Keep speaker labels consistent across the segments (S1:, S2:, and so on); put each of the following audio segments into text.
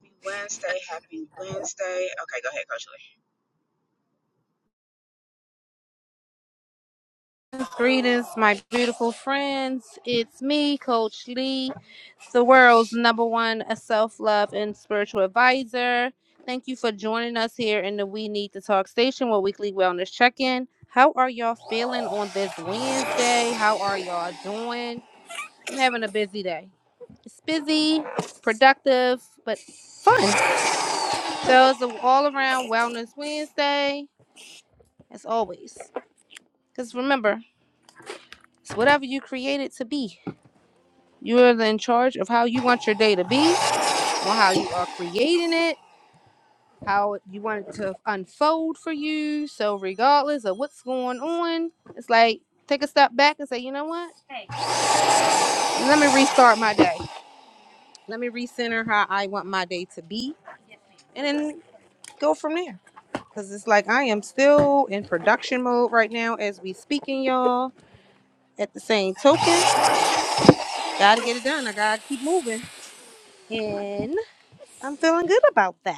S1: Happy Wednesday. Happy Wednesday. Okay, go ahead, Coach Lee.
S2: Greetings, my beautiful friends. It's me, Coach Lee, the world's number one self love and spiritual advisor. Thank you for joining us here in the We Need to Talk station with weekly wellness check in. How are y'all feeling on this Wednesday? How are y'all doing? I'm having a busy day. It's busy, productive, but fun. So it's an all around wellness Wednesday, as always. Because remember, it's whatever you create it to be. You are in charge of how you want your day to be, on how you are creating it, how you want it to unfold for you. So, regardless of what's going on, it's like take a step back and say, you know what? Let me restart my day. Let me recenter how I want my day to be, and then go from there. Because it's like I am still in production mode right now as we speaking, y'all. At the same token, gotta get it done. I gotta keep moving, and I'm feeling good about that.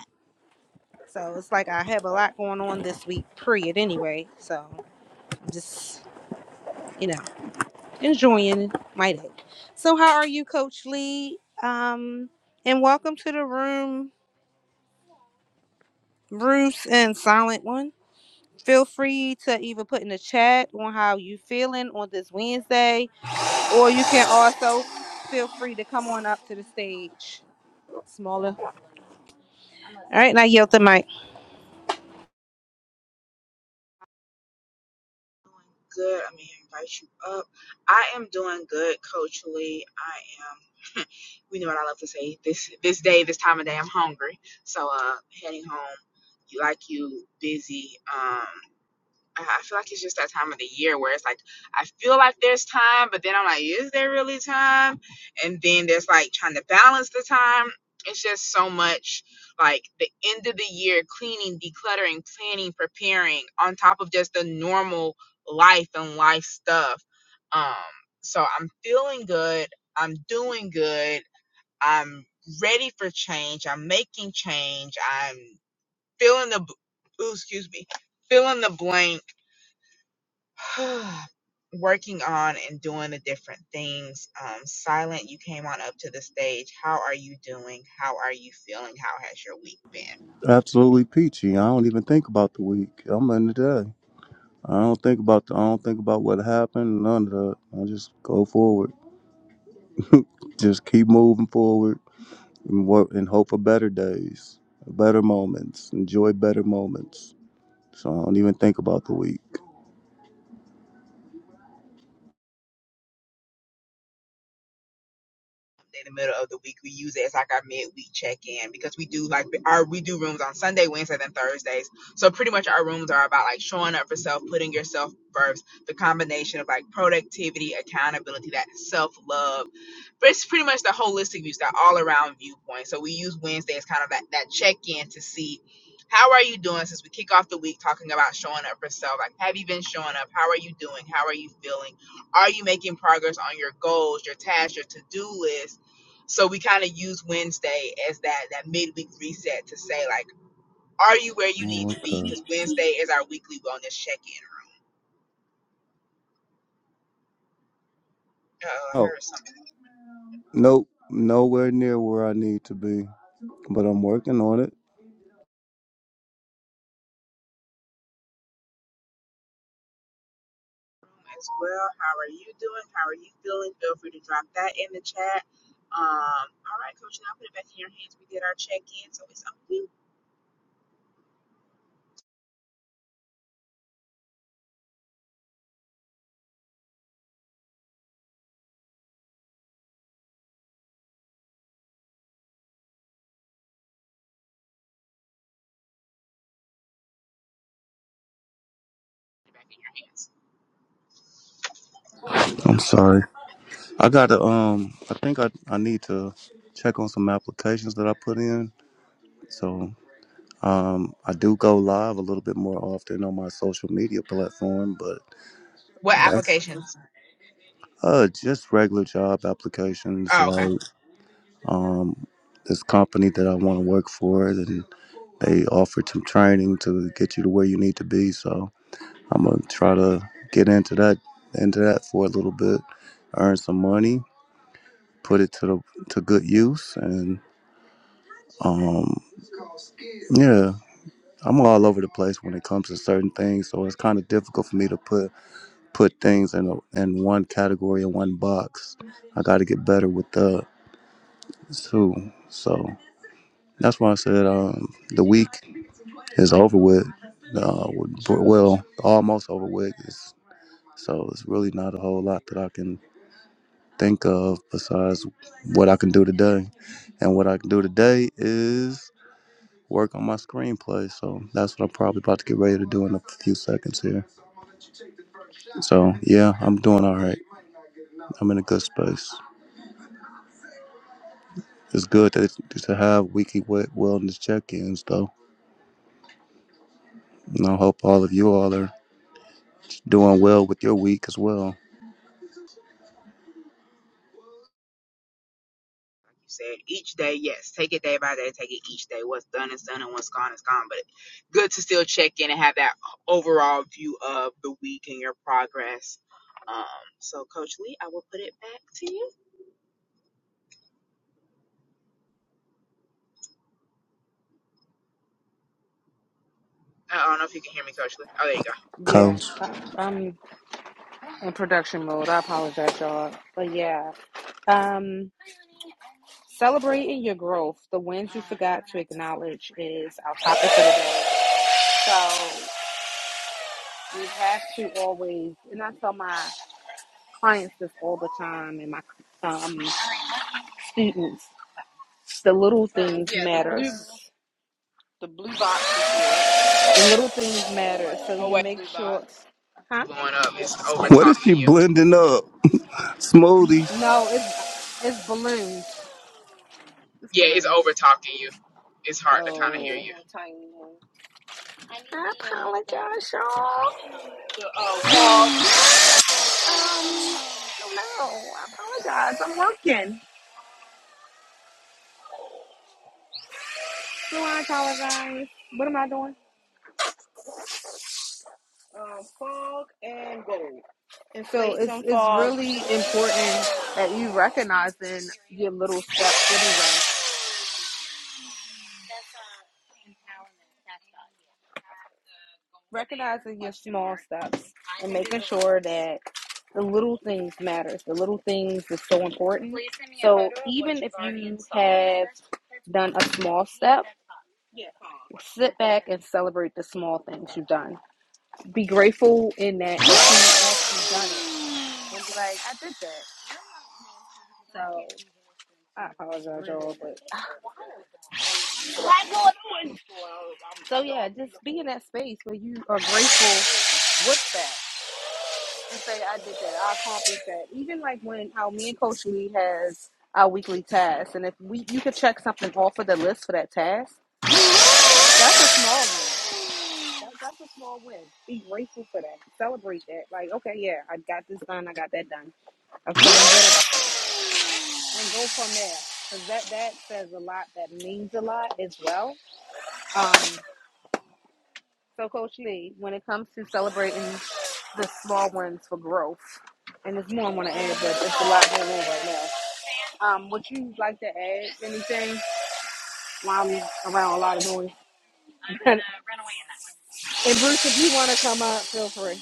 S2: So it's like I have a lot going on this week, period, anyway. So I'm just, you know, enjoying my day. So, how are you, Coach Lee? Um, and welcome to the room, Bruce and Silent One. Feel free to either put in the chat on how you feeling on this Wednesday, or you can also feel free to come on up to the stage. Smaller. All right, now yield the mic.
S1: Doing good. I'm going to invite you up. I am doing good, Coach Lee. I am, we know what I love to say. This this day, this time of day, I'm hungry. So uh heading home, you like you, busy. Um. I I feel like it's just that time of the year where it's like I feel like there's time, but then I'm like, is there really time? And then there's like trying to balance the time. It's just so much like the end of the year cleaning, decluttering, planning, preparing on top of just the normal life and life stuff. Um, so I'm feeling good. I'm doing good. I'm ready for change. I'm making change. I'm feeling the, b- ooh, excuse me, feeling the blank working on and doing the different things. Um, Silent, you came on up to the stage. How are you doing? How are you feeling? How has your week been?
S3: Absolutely peachy. I don't even think about the week. I'm in the day. I don't think about the, I don't think about what happened. None of that. I just go forward. Just keep moving forward and work and hope for better days, better moments. Enjoy better moments. So I don't even think about the week.
S1: In the middle of the week, we use it as like our midweek check in because we do like our we do rooms on Sunday, Wednesdays, and Thursdays. So pretty much our rooms are about like showing up for self, putting yourself first, the combination of like productivity, accountability, that self love it's pretty much the holistic view, that all around viewpoint. So we use Wednesday as kind of that, that check in to see how are you doing since we kick off the week talking about showing up for self. Like, have you been showing up? How are you doing? How are you feeling? Are you making progress on your goals, your tasks, your to do list? So we kind of use Wednesday as that that midweek reset to say like, are you where you need
S3: Oh,
S1: to be? Because
S3: okay.
S1: Wednesday is our weekly wellness check in. Uh, I
S3: Oh,
S1: heard something.
S3: nope. Nowhere near where I need to be, but I'm working on it.
S1: as well. How are you doing? How are you feeling? Feel free to drop that in the chat. Um, all right, Coach, now put it back in your hands. We did our check in, so it's up to you. Put it back in your hands.
S3: I'm sorry. I gotta um. I think I I need to check on some applications that I put in. So. Um, I do go live a little bit more often on my social media platform, but
S1: What
S3: that's
S1: applications?
S3: uh just regular job applications,
S1: Oh, okay.
S3: Like Um, this company that I want to work for, and they offered some training to get you to where you need to be. So I'm gonna try to get into that into that for a little bit, earn some money, put it to the to good use, and um, yeah. I'm all over the place when it comes to certain things, so it's kind of difficult for me to put put things in a, in one category in one box. I got to get better with the two, So that's why I said um, the week is over with. Uh, well, almost over with. It's, so it's really not a whole lot that I can think of besides what I can do today. And what I can do today is work on my screenplay. So that's what I'm probably about to get ready to do in a few seconds here. So yeah, I'm doing all right. I'm in a good space. It's good to, to have weekly wellness check-ins, though. And I hope all of you all are doing well with your week as well.
S1: Like you said, each day, yes. Take it day by day. Take it each day. What's done is done, and what's gone is gone. But good to still check in and have that overall view of the week and your progress. Um, so, Coach Lee, I will put it back to you. I don't know if you can hear me, Coach Lee. Oh, there you go.
S2: Yeah,
S3: Coach,
S2: I, I'm in production mode. I apologize, y'all. But yeah, um. Celebrating your growth, the wins you forgot to acknowledge is our topic for the day. So we have to always, and I tell my clients this all the time, and my um, students, the little things Yeah, the matter. The blue, the blue box is The little things matter. So
S1: Oh,
S2: you
S1: wait.
S2: make blue sure, box. huh?
S1: blowing up. It's over
S3: what is she
S1: talking you.
S3: blending up? Smoothies.
S2: No, it's it's balloons. It's
S1: yeah, it's
S2: balloons.
S1: over talking you. It's hard to kind of hear you.
S2: Oh, I apologize. The uh, Um, um, no, I apologize. I'm working. Salon collarbones. What am I doing? Um, fog and gold. And So it's it's really important that you recognizing your little steps anyway. Recognizing your small steps and making sure that the little things matters. The little things is so important. So even if you have done a small step, Yeah, sit back and celebrate the small things you've done. Be grateful in that if you actually done it. and be like, I did that. I apologize, y'all, but So yeah, just be in that space where you are grateful with that and say, I did that, I accomplished that. Even like when how me and Coach Lee has our weekly tasks, and if we you could check something off of the list for that task, that's a small win. That, that's a small win. Be grateful for that. Celebrate that. Like, okay, yeah, I got this done. I got that done. Okay, I'm feeling good about it. And go from there. Because that, that says a lot. That means a lot as well. Um. So, Coach Lee, when it comes to celebrating the small ones for growth, and there's more I want to add, but it's a lot going on right now. Um, would you like to add anything while I'm around a lot of noise? and Bruce, if you want to come up, feel free.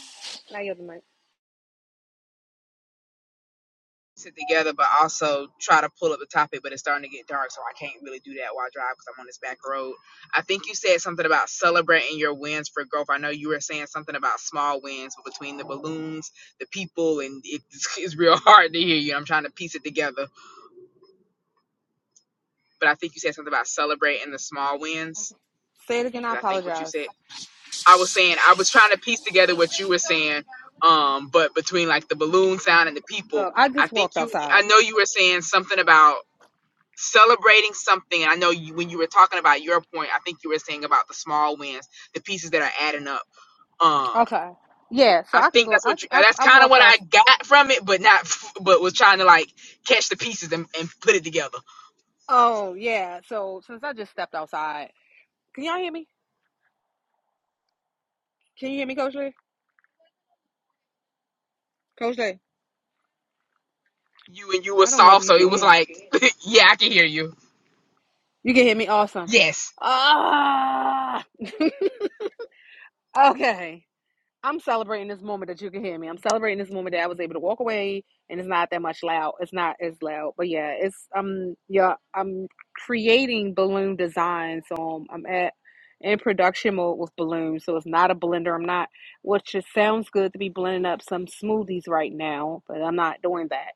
S2: Now you're the mic.
S1: Sit together, but also try to pull up the topic, but it's starting to get dark, so I can't really do that while I drive because I'm on this back road. I think you said something about celebrating your wins for growth. I know you were saying something about small wins but between the balloons, the people, and it's, it's real hard to hear you. I'm trying to piece it together, but I think you said something about celebrating the small wins.
S2: Say it again. I
S1: Is I think what you
S2: apologize.
S1: said? I was saying I was trying to piece together what you were saying. Um, but between like the balloon sound and the people,
S2: Look, I
S1: I
S2: just
S1: think
S2: walked
S1: you I
S2: outside.
S1: know you were saying something about celebrating something. And I know you when you were talking about your point, I think you were saying about the small wins, the pieces that are adding up. Um
S2: Okay. Yeah, so
S1: I
S2: I can
S1: think
S2: go.
S1: that's
S2: I
S1: what you,
S2: I,
S1: that's
S2: I
S1: kind of
S2: walked
S1: what
S2: out.
S1: I got from it, but not, f- but was trying to like catch the pieces and, and put it together.
S2: Oh yeah. So since I just stepped outside, can y'all hear me? Can you hear me, Coach Lee? Coach Lee,
S1: You and you were
S2: I don't know if
S1: soft,
S2: you
S1: so it
S2: can
S1: was
S2: hear me.
S1: like, yeah, I can hear you.
S2: You can hear me awesome.
S1: Yes.
S2: Ah, okay. I'm celebrating this moment that you can hear me. I'm celebrating this moment that I was able to walk away and it's not that much loud. It's not as loud. But yeah, it's um yeah, I'm creating balloon design. So um, I'm at in production mode with balloons. So it's not a blender. I'm not which just sounds good to be blending up some smoothies right now, but I'm not doing that.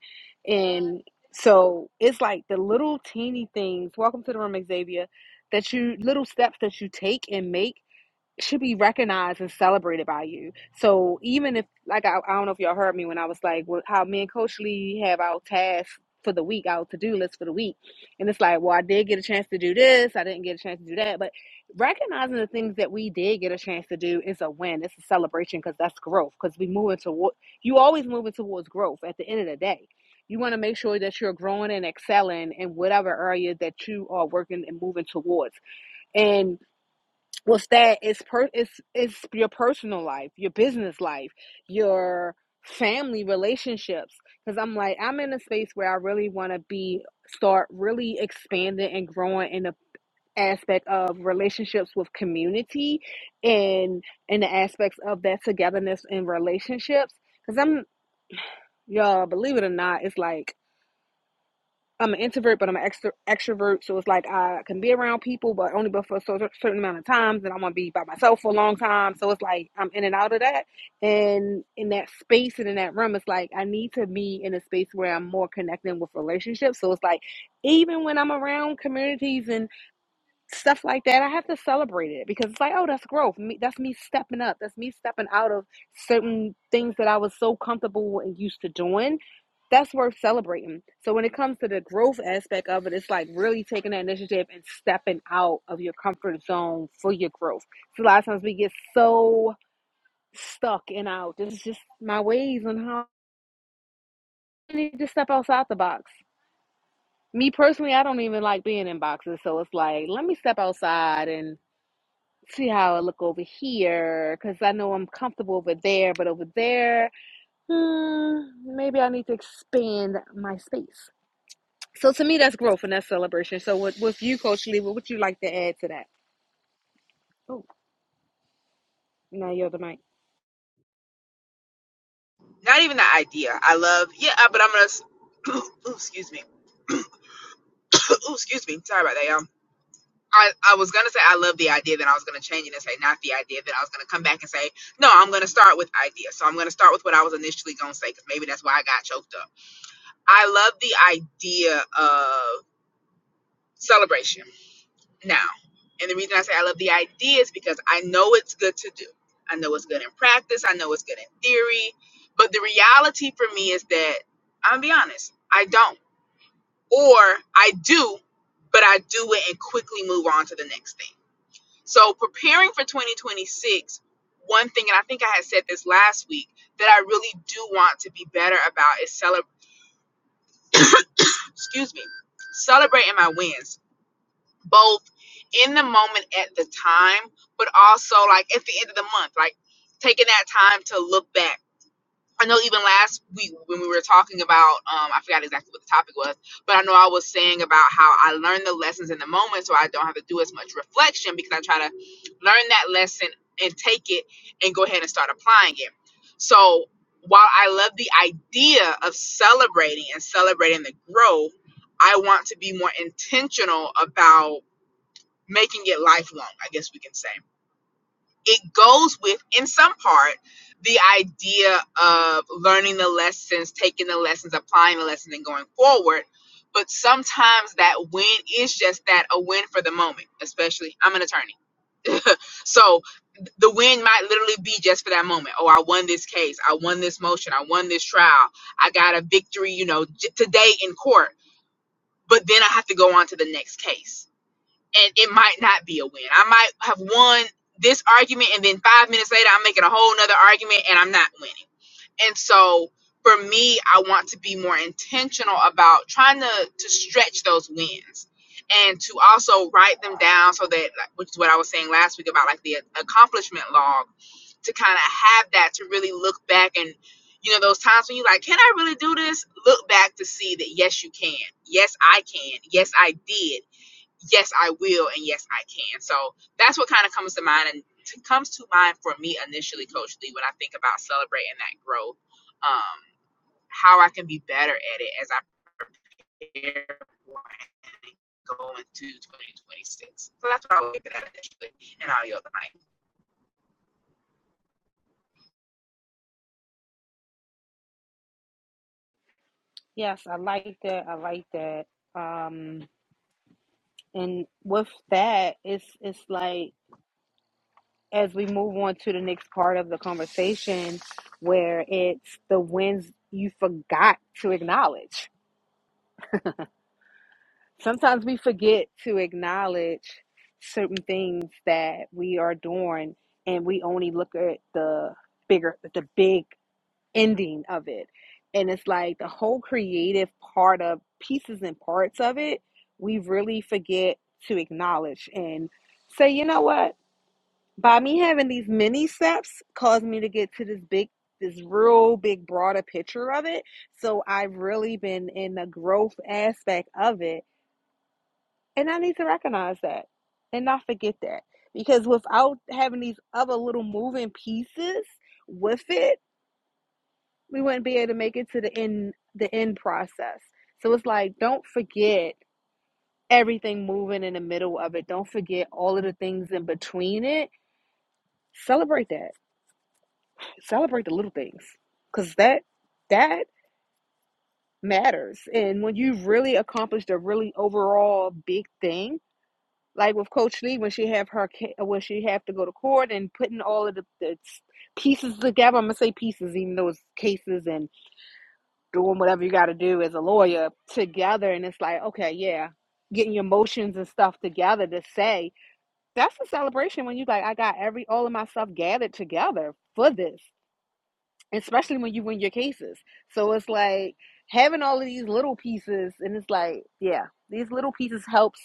S2: And so it's like the little teeny things. Welcome to the room, Xavier. That you little steps that you take and make should be recognized and celebrated by you. So even if, like, I, I don't know if y'all heard me when I was like, well, how me and Coach Lee have our tasks for the week, our to do list for the week, and it's like, well, I did get a chance to do this, I didn't get a chance to do that, but recognizing the things that we did get a chance to do is a win. It's a celebration because that's growth. Because we moving toward, you always moving towards growth. At the end of the day. You want to make sure that you're growing and excelling in whatever area that you are working and moving towards. And What's that? It's per it's it's your personal life, your business life, your family relationships. Because I'm like, I'm in a space where I really want to be start really expanding and growing in the aspect of relationships with community and in the aspects of that togetherness in relationships. Because I'm y'all, believe it or not, it's like I'm an introvert, but I'm an extro- extrovert. So it's like I can be around people, but only but for a certain amount of times. And I want to be by myself for a long time. So it's like I'm in and out of that. And in that space and in that room, it's like I need to be in a space where I'm more connecting with relationships. So it's like even when I'm around communities and stuff like that, I have to celebrate it because it's like, oh, that's growth. Me, that's me stepping up. That's me stepping out of certain things that I was so comfortable and used to doing that's worth celebrating. So when it comes to the growth aspect of it, it's like really taking that initiative and stepping out of your comfort zone for your growth. So a lot of times we get so stuck in our this is just my ways and how I need to step outside the box. Me personally, I don't even like being in boxes, so it's like let me step outside and see how I look over here because I know I'm comfortable over there, but over there, hmm, maybe I need to expand my space. So to me, that's growth and that's celebration. So with, with you, Coach Lee, what would you like to add to that? Oh, now you're the mic.
S1: not even the idea. I love yeah, uh, but I'm gonna ooh, excuse me, ooh, excuse me. Sorry about that, y'all. I, I was gonna say I love the idea that I was gonna change it and say not the idea that I was gonna come back and say no I'm gonna start with idea so I'm gonna start with what I was initially gonna say because maybe that's why I got choked up. I love the idea of celebration now, and the reason I say I love the idea is because I know it's good to do. I know it's good in practice. I know it's good in theory, but the reality for me is that I'm gonna be honest. I don't. or I do, but I do it and quickly move on to the next thing. So, preparing for 2026, one thing, and I think I had said this last week, that I really do want to be better about is celebrate, excuse me, celebrating my wins, both in the moment at the time, but also like at the end of the month, like taking that time to look back I know even last week when we were talking about, um, I forgot exactly what the topic was, but I know I was saying about how I learn the lessons in the moment so I don't have to do as much reflection because I try to learn that lesson and take it and go ahead and start applying it. So while I love the idea of celebrating and celebrating the growth, I want to be more intentional about making it lifelong, I guess we can say it goes with in some part the idea of learning the lessons taking the lessons applying the lessons and going forward but sometimes that win is just that a win for the moment especially i'm an attorney so the win might literally be just for that moment oh i won this case i won this motion i won this trial i got a victory you know j- today in court but then i have to go on to the next case and it might not be a win. I might have won this argument, and then five minutes later, I'm making a whole nother argument, and I'm not winning. And so, for me, I want to be more intentional about trying to to stretch those wins, and to also write them down so that, like, which is what I was saying last week about like the accomplishment log, to kind of have that to really look back and. You know those times when you are like, can I really do this? Look back to see that yes, you can. Yes, I can. Yes, I did yes i will and yes i can so that's what kind of comes to mind and t- comes to mind for me initially coach lee when i think about celebrating that growth um how i can be better at it as i prepare for and go into 2026 so that's what i would look at initially and i'll yield the mic
S2: Yes, I like that. I like that. Um, and with that, it's it's like as we move on to the next part of the conversation, where it's the wins you forgot to acknowledge. Sometimes we forget to acknowledge certain things that we are doing, and we only look at the bigger, the big ending of it. And it's like the whole creative part of pieces and parts of it, we really forget to acknowledge and say, you know what? By me having these mini steps caused me to get to this big, this real big, broader picture of it. So I've really been in the growth aspect of it. And I need to recognize that and not forget that. Because without having these other little moving pieces with it, we wouldn't be able to make it to the end the end process so it's like don't forget everything moving in the middle of it don't forget all of the things in between it celebrate that celebrate the little things because that that matters and when you really accomplished a really overall big thing like with coach lee when she have her when she have to go to court and putting all of the, the pieces together i'm gonna say pieces even though it's cases and doing whatever you got to do as a lawyer together and it's like okay yeah getting your emotions and stuff together to say that's a celebration when you like i got every all of my stuff gathered together for this especially when you win your cases so it's like having all of these little pieces and it's like yeah these little pieces helps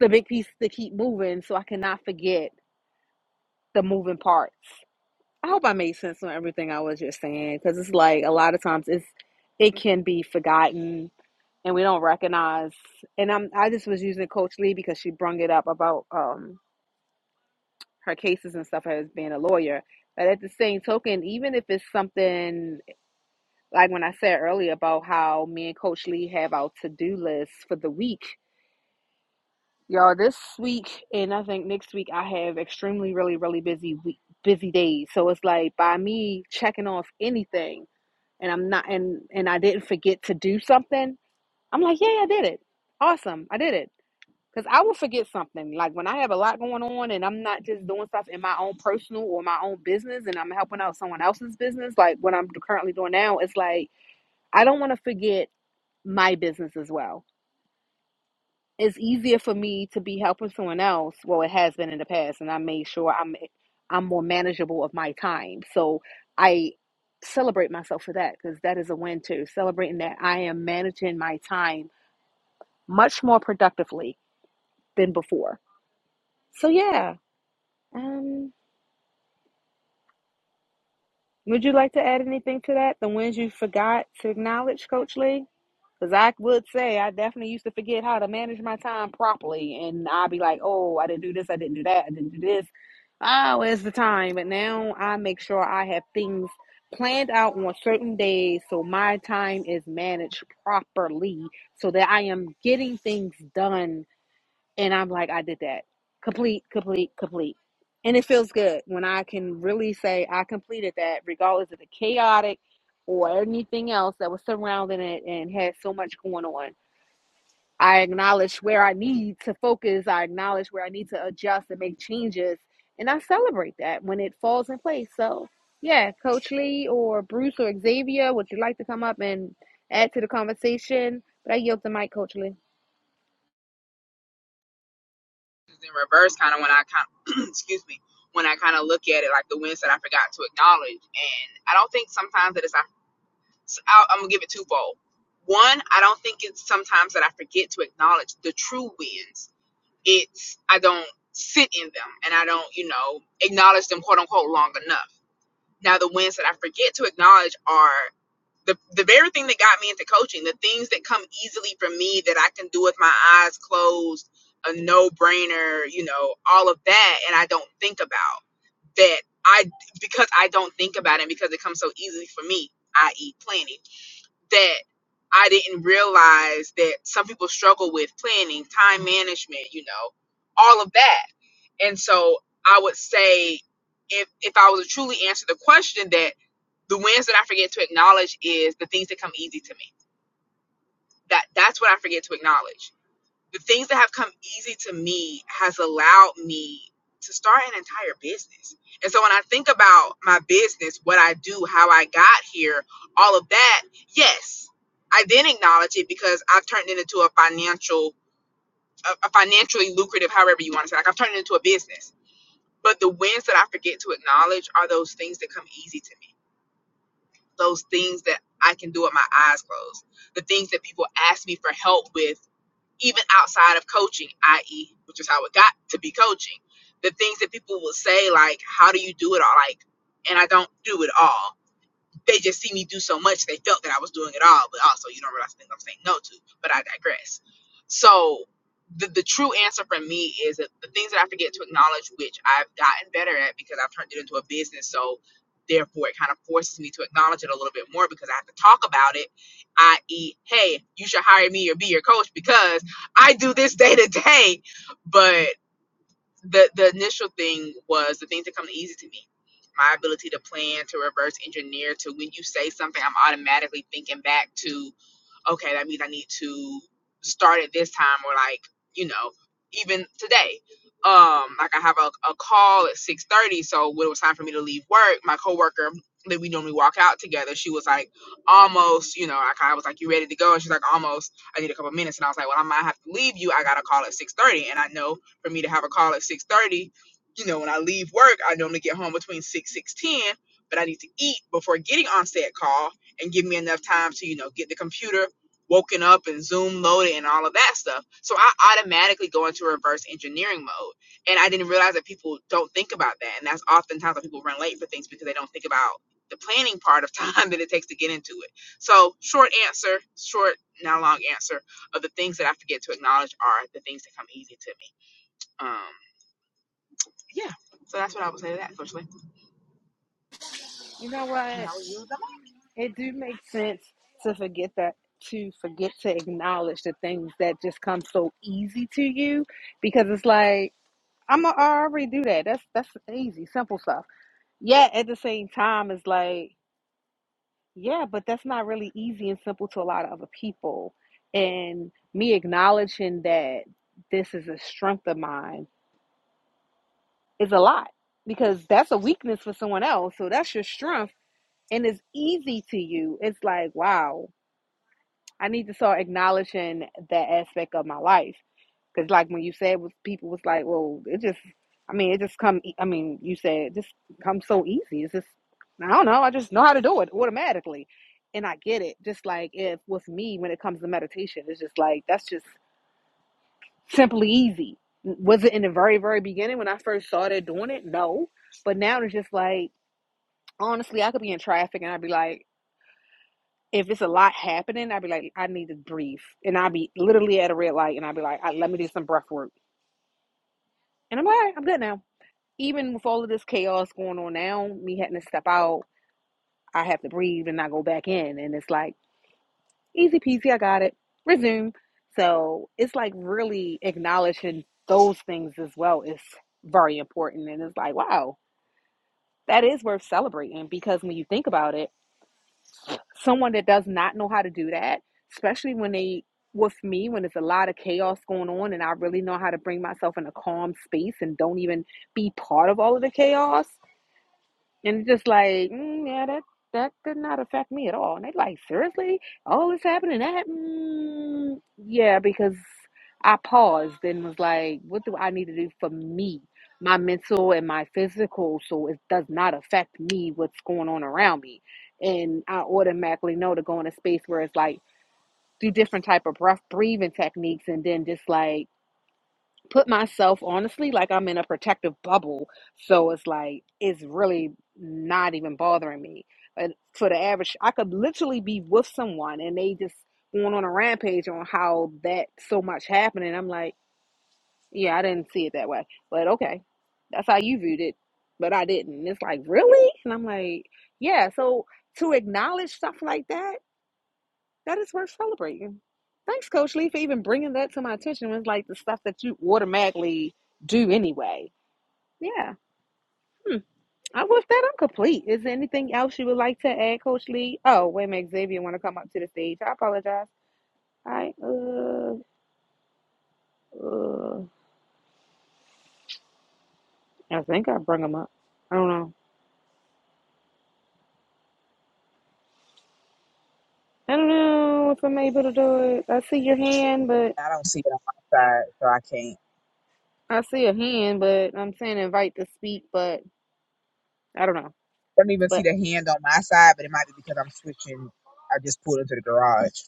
S2: the big piece to keep moving so i cannot forget the moving parts i hope i made sense on everything i was just saying because it's like a lot of times it's it can be forgotten and we don't recognize and i'm i just was using coach lee because she brung it up about um her cases and stuff as being a lawyer but at the same token even if it's something like when i said earlier about how me and coach lee have our to-do list for the week y'all this week and i think next week i have extremely really really busy week busy days so it's like by me checking off anything and i'm not and and i didn't forget to do something i'm like yeah i did it awesome i did it Because I will forget something. Like when I have a lot going on and I'm not just doing stuff in my own personal or my own business and I'm helping out someone else's business, like what I'm currently doing now, it's like I don't want to forget my business as well. It's easier for me to be helping someone else. Well, it has been in the past, and I made sure I'm I'm more manageable of my time. So I celebrate myself for that because that is a win too. Celebrating that I am managing my time much more productively than before. So yeah. Um Would you like to add anything to that? The ones you forgot to acknowledge, Coach Lee? Because I would say I definitely used to forget how to manage my time properly. And I'd be like, oh, I didn't do this, I didn't do that, I didn't do this. Oh, where's the time? But now I make sure I have things planned out on certain days so my time is managed properly so that I am getting things done and I'm like, I did that. Complete, complete, complete. And it feels good when I can really say I completed that, regardless of the chaotic or anything else that was surrounding it and had so much going on. I acknowledge where I need to focus, I acknowledge where I need to adjust and make changes. And I celebrate that when it falls in place. So, yeah, Coach Lee or Bruce or Xavier, would you like to come up and add to the conversation? But I yield the mic, Coach Lee.
S1: in reverse kind of when i kind of, excuse me when i kind of look at it like the wins that i forgot to acknowledge and i don't think sometimes that it's our So I'll, I'm gonna give it twofold. One, I don't think it's sometimes that I forget to acknowledge the true wins. It's I don't sit in them and I don't, you know, acknowledge them quote unquote long enough. Now the wins that I forget to acknowledge are the the very thing that got me into coaching, the things that come easily for me that I can do with my eyes closed, a no brainer, you know, all of that, and I don't think about that. I because I don't think about it because it comes so easily for me, i.e., planning that I didn't realize that some people struggle with planning, time management, you know, all of that. And so I would say if if I was to truly answer the question that the wins that I forget to acknowledge is the things that come easy to me. That that's what I forget to acknowledge the things that have come easy to me has allowed me to start an entire business. And so when I think about my business, what I do, how I got here, all of that, yes, I then acknowledge it because I've turned it into a financial, a, a financially lucrative, however you want to say. Like I've turned it into a business. But the wins that I forget to acknowledge are those things that come easy to me. Those things that I can do with my eyes closed. The things that people ask me for help with even outside of coaching, i.e., which is how it got to be coaching, the things that people will say, like, how do you do it all? Like, and I don't do it all they just see me do so much they felt that I was doing it all, but also you don't realize the things I'm saying no to. But I digress. So the, the true answer for me is that the things that I forget to acknowledge, which I've gotten better at because I've turned it into a business. So therefore it kind of forces me to acknowledge it a little bit more because I have to talk about it, i.e., hey, you should hire me or be your coach because I do this day to day. But the the initial thing was the things that come easy to me my ability to plan to reverse engineer to when you say something i'm automatically thinking back to okay, that means I need to start at this time or like, you know, even today. Um, like I have a, a call at six thirty, so when it was time for me to leave work, my coworker that we normally walk out together, she was like, almost, you know, I kind of was like, you ready to go? And she's like, almost. I need a couple minutes, and I was like, well, I might have to leave you. I got a call at six thirty, and I know for me to have a call at six thirty, you know, when I leave work, I normally get home between six six ten, but I need to eat before getting on said call and give me enough time to you know get the computer woken up and Zoom loaded and all of that stuff. So I automatically go into reverse engineering mode. And I didn't realize that people don't think about that. And that's oftentimes why people run late for things because they don't think about the planning part of time that it takes to get into it. So, short answer, short, not long answer of the things that I forget to acknowledge are the things that come easy to me. Um, yeah. So that's what I would say to that, Coach Lee.
S2: You know
S1: And
S2: what?
S1: I will yield the
S2: It do make sense to forget that to forget to acknowledge the things that just come so easy to you because it's like I'm a, I already do that. That's that's easy, simple stuff. Yeah, at the same time, it's like yeah, but that's not really easy and simple to a lot of other people. And me acknowledging that this is a strength of mine is a lot because that's a weakness for someone else. So that's your strength and it's easy to you. It's like wow, I need to start acknowledging that aspect of my life. Because, like, when you said, was people was like, well, it just, I mean, it just come, e- I mean, you said it just comes so easy. It's just, I don't know. I just know how to do it automatically. And I get it. Just like if with me, when it comes to meditation, it's just like, that's just simply easy. Was it in the very, very beginning when I first started doing it? No. But now it's just like, honestly, I could be in traffic and I'd be like, if it's a lot happening, I'd be like, I need to breathe. And I'd be literally at a red light and I'd be like, I, let me do some breath work. And I'm like, all right, I'm good now. Even with all of this chaos going on now, me having to step out, I have to breathe and I go back in. And it's like, easy peasy, I got it. Resume. So it's like really acknowledging those things as well is very important. And it's like, wow, that is worth celebrating because when you think about it, someone that does not know how to do that, especially when they with me when there's a lot of chaos going on and I really know how to bring myself in a calm space and don't even be part of all of the chaos, and just like, mm, yeah, that that did not affect me at all. And they like, seriously, all this happening that? Mm, yeah, because I paused and was like, what do I need to do for me, my mental and my physical, so it does not affect me what's going on around me. And I automatically know to go in a space where it's like do different type of breath breathing techniques, and then just like put myself honestly like I'm in a protective bubble. So it's like it's really not even bothering me. But for the average, I could literally be with someone and they just going on a rampage on how that so much happened, and I'm like, yeah, I didn't see it that way, but okay, that's how you viewed it, but I didn't. It's like really, and I'm like, yeah. So to acknowledge stuff like that that is worth celebrating. Thanks, Coach Lee, for even bringing that to my attention. It's like the stuff that you automatically do anyway. Yeah. Hmm. I with that I'm complete. Is there anything else you would like to add, Coach Lee? Oh, wait a minute, Xavier want to come up to the stage. I apologize. I uh, uh I think I bring him up. I don't know. I don't know if I'm able to do it. I see your hand, but
S1: I don't see it on my side, so I can't.
S2: I see a hand, but I'm saying invite to speak, but I don't know.
S1: don't even see
S2: But
S1: the hand on my side, but it might be because I'm switching. I just pulled into the garage,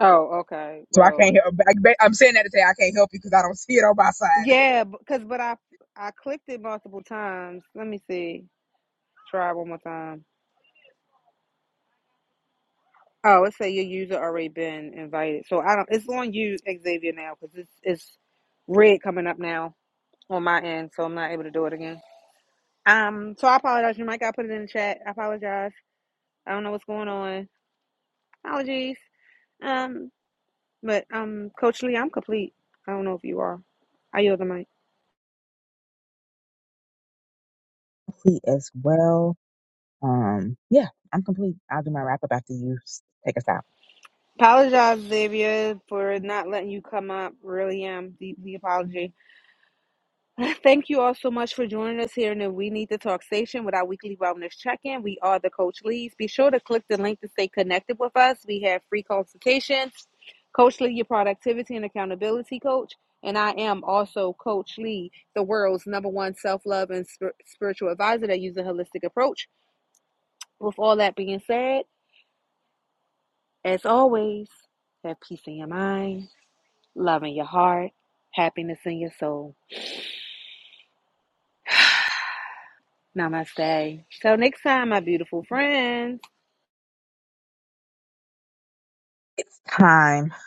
S2: oh, okay.
S1: so I can't
S2: Well,
S1: help. I, ba- I'm saying that to say I can't help you because I don't see it on my side.
S2: Yeah, because but I I clicked it multiple times. Let me see. Try one more time. Oh, it say your user already been invited. So I don't. It's on you, Xavier, now because it's it's red coming up now on my end, so I'm not able to do it again. Um, so I apologize. You might got put it in the chat. I apologize. I don't know what's going on. Apologies. Um, but um, Coach Lee, I'm complete. I don't know if you are. I yield the mic.
S1: Complete as well. Um, yeah, I'm complete. I'll do my wrap up after you s- take us out.
S2: Apologize, Xavier, for not letting you come up. Really am deeply apology. Thank you all so much for joining us here in the We Need to Talk station with our weekly wellness check-in. We are the Coach Lees. Be sure to click the link to stay connected with us. We have free consultations. Coach Lee, your productivity and accountability coach, and I am also Coach Lee, the world's number one self-love and spir- spiritual advisor that uses a holistic approach. With all that being said, as always, have peace in your mind, love in your heart, happiness in your soul. Namaste. Till next time, my beautiful friends.
S1: It's time.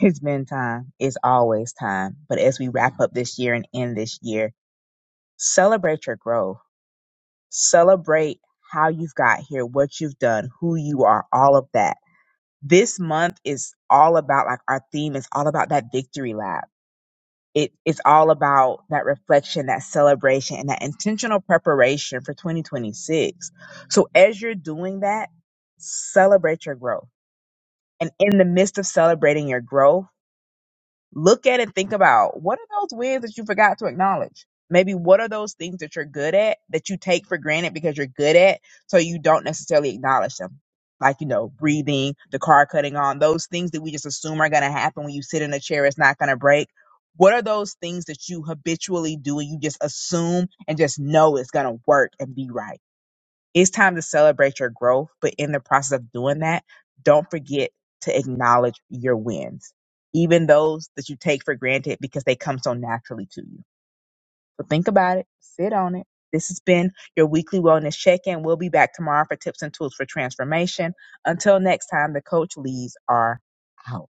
S1: It's been time. It's always time. But as we wrap up this year and end this year, celebrate your growth. Celebrate how you've got here, what you've done, who you are, all of that this month is all about like our theme is all about that victory lab. It, it's all about that reflection, that celebration, and that intentional preparation for 2026. So as you're doing that, celebrate your growth. And in the midst of celebrating your growth, Look at it, think about what are those wins that you forgot to acknowledge? Maybe what are those things that you're good at that you take for granted because you're good at, so you don't necessarily acknowledge them? Like, you know, breathing, the car cutting on, those things that we just assume are going to happen when you sit in a chair, it's not going to break. What are those things that you habitually do and you just assume and just know it's going to work and be right? It's time to celebrate your growth, but in the process of doing that, don't forget to acknowledge your wins, even those that you take for granted because they come so naturally to you. So think about it, sit on it. This has been your weekly wellness check in. We'll be back tomorrow for tips and tools for transformation. Until next time, the coach leads are out.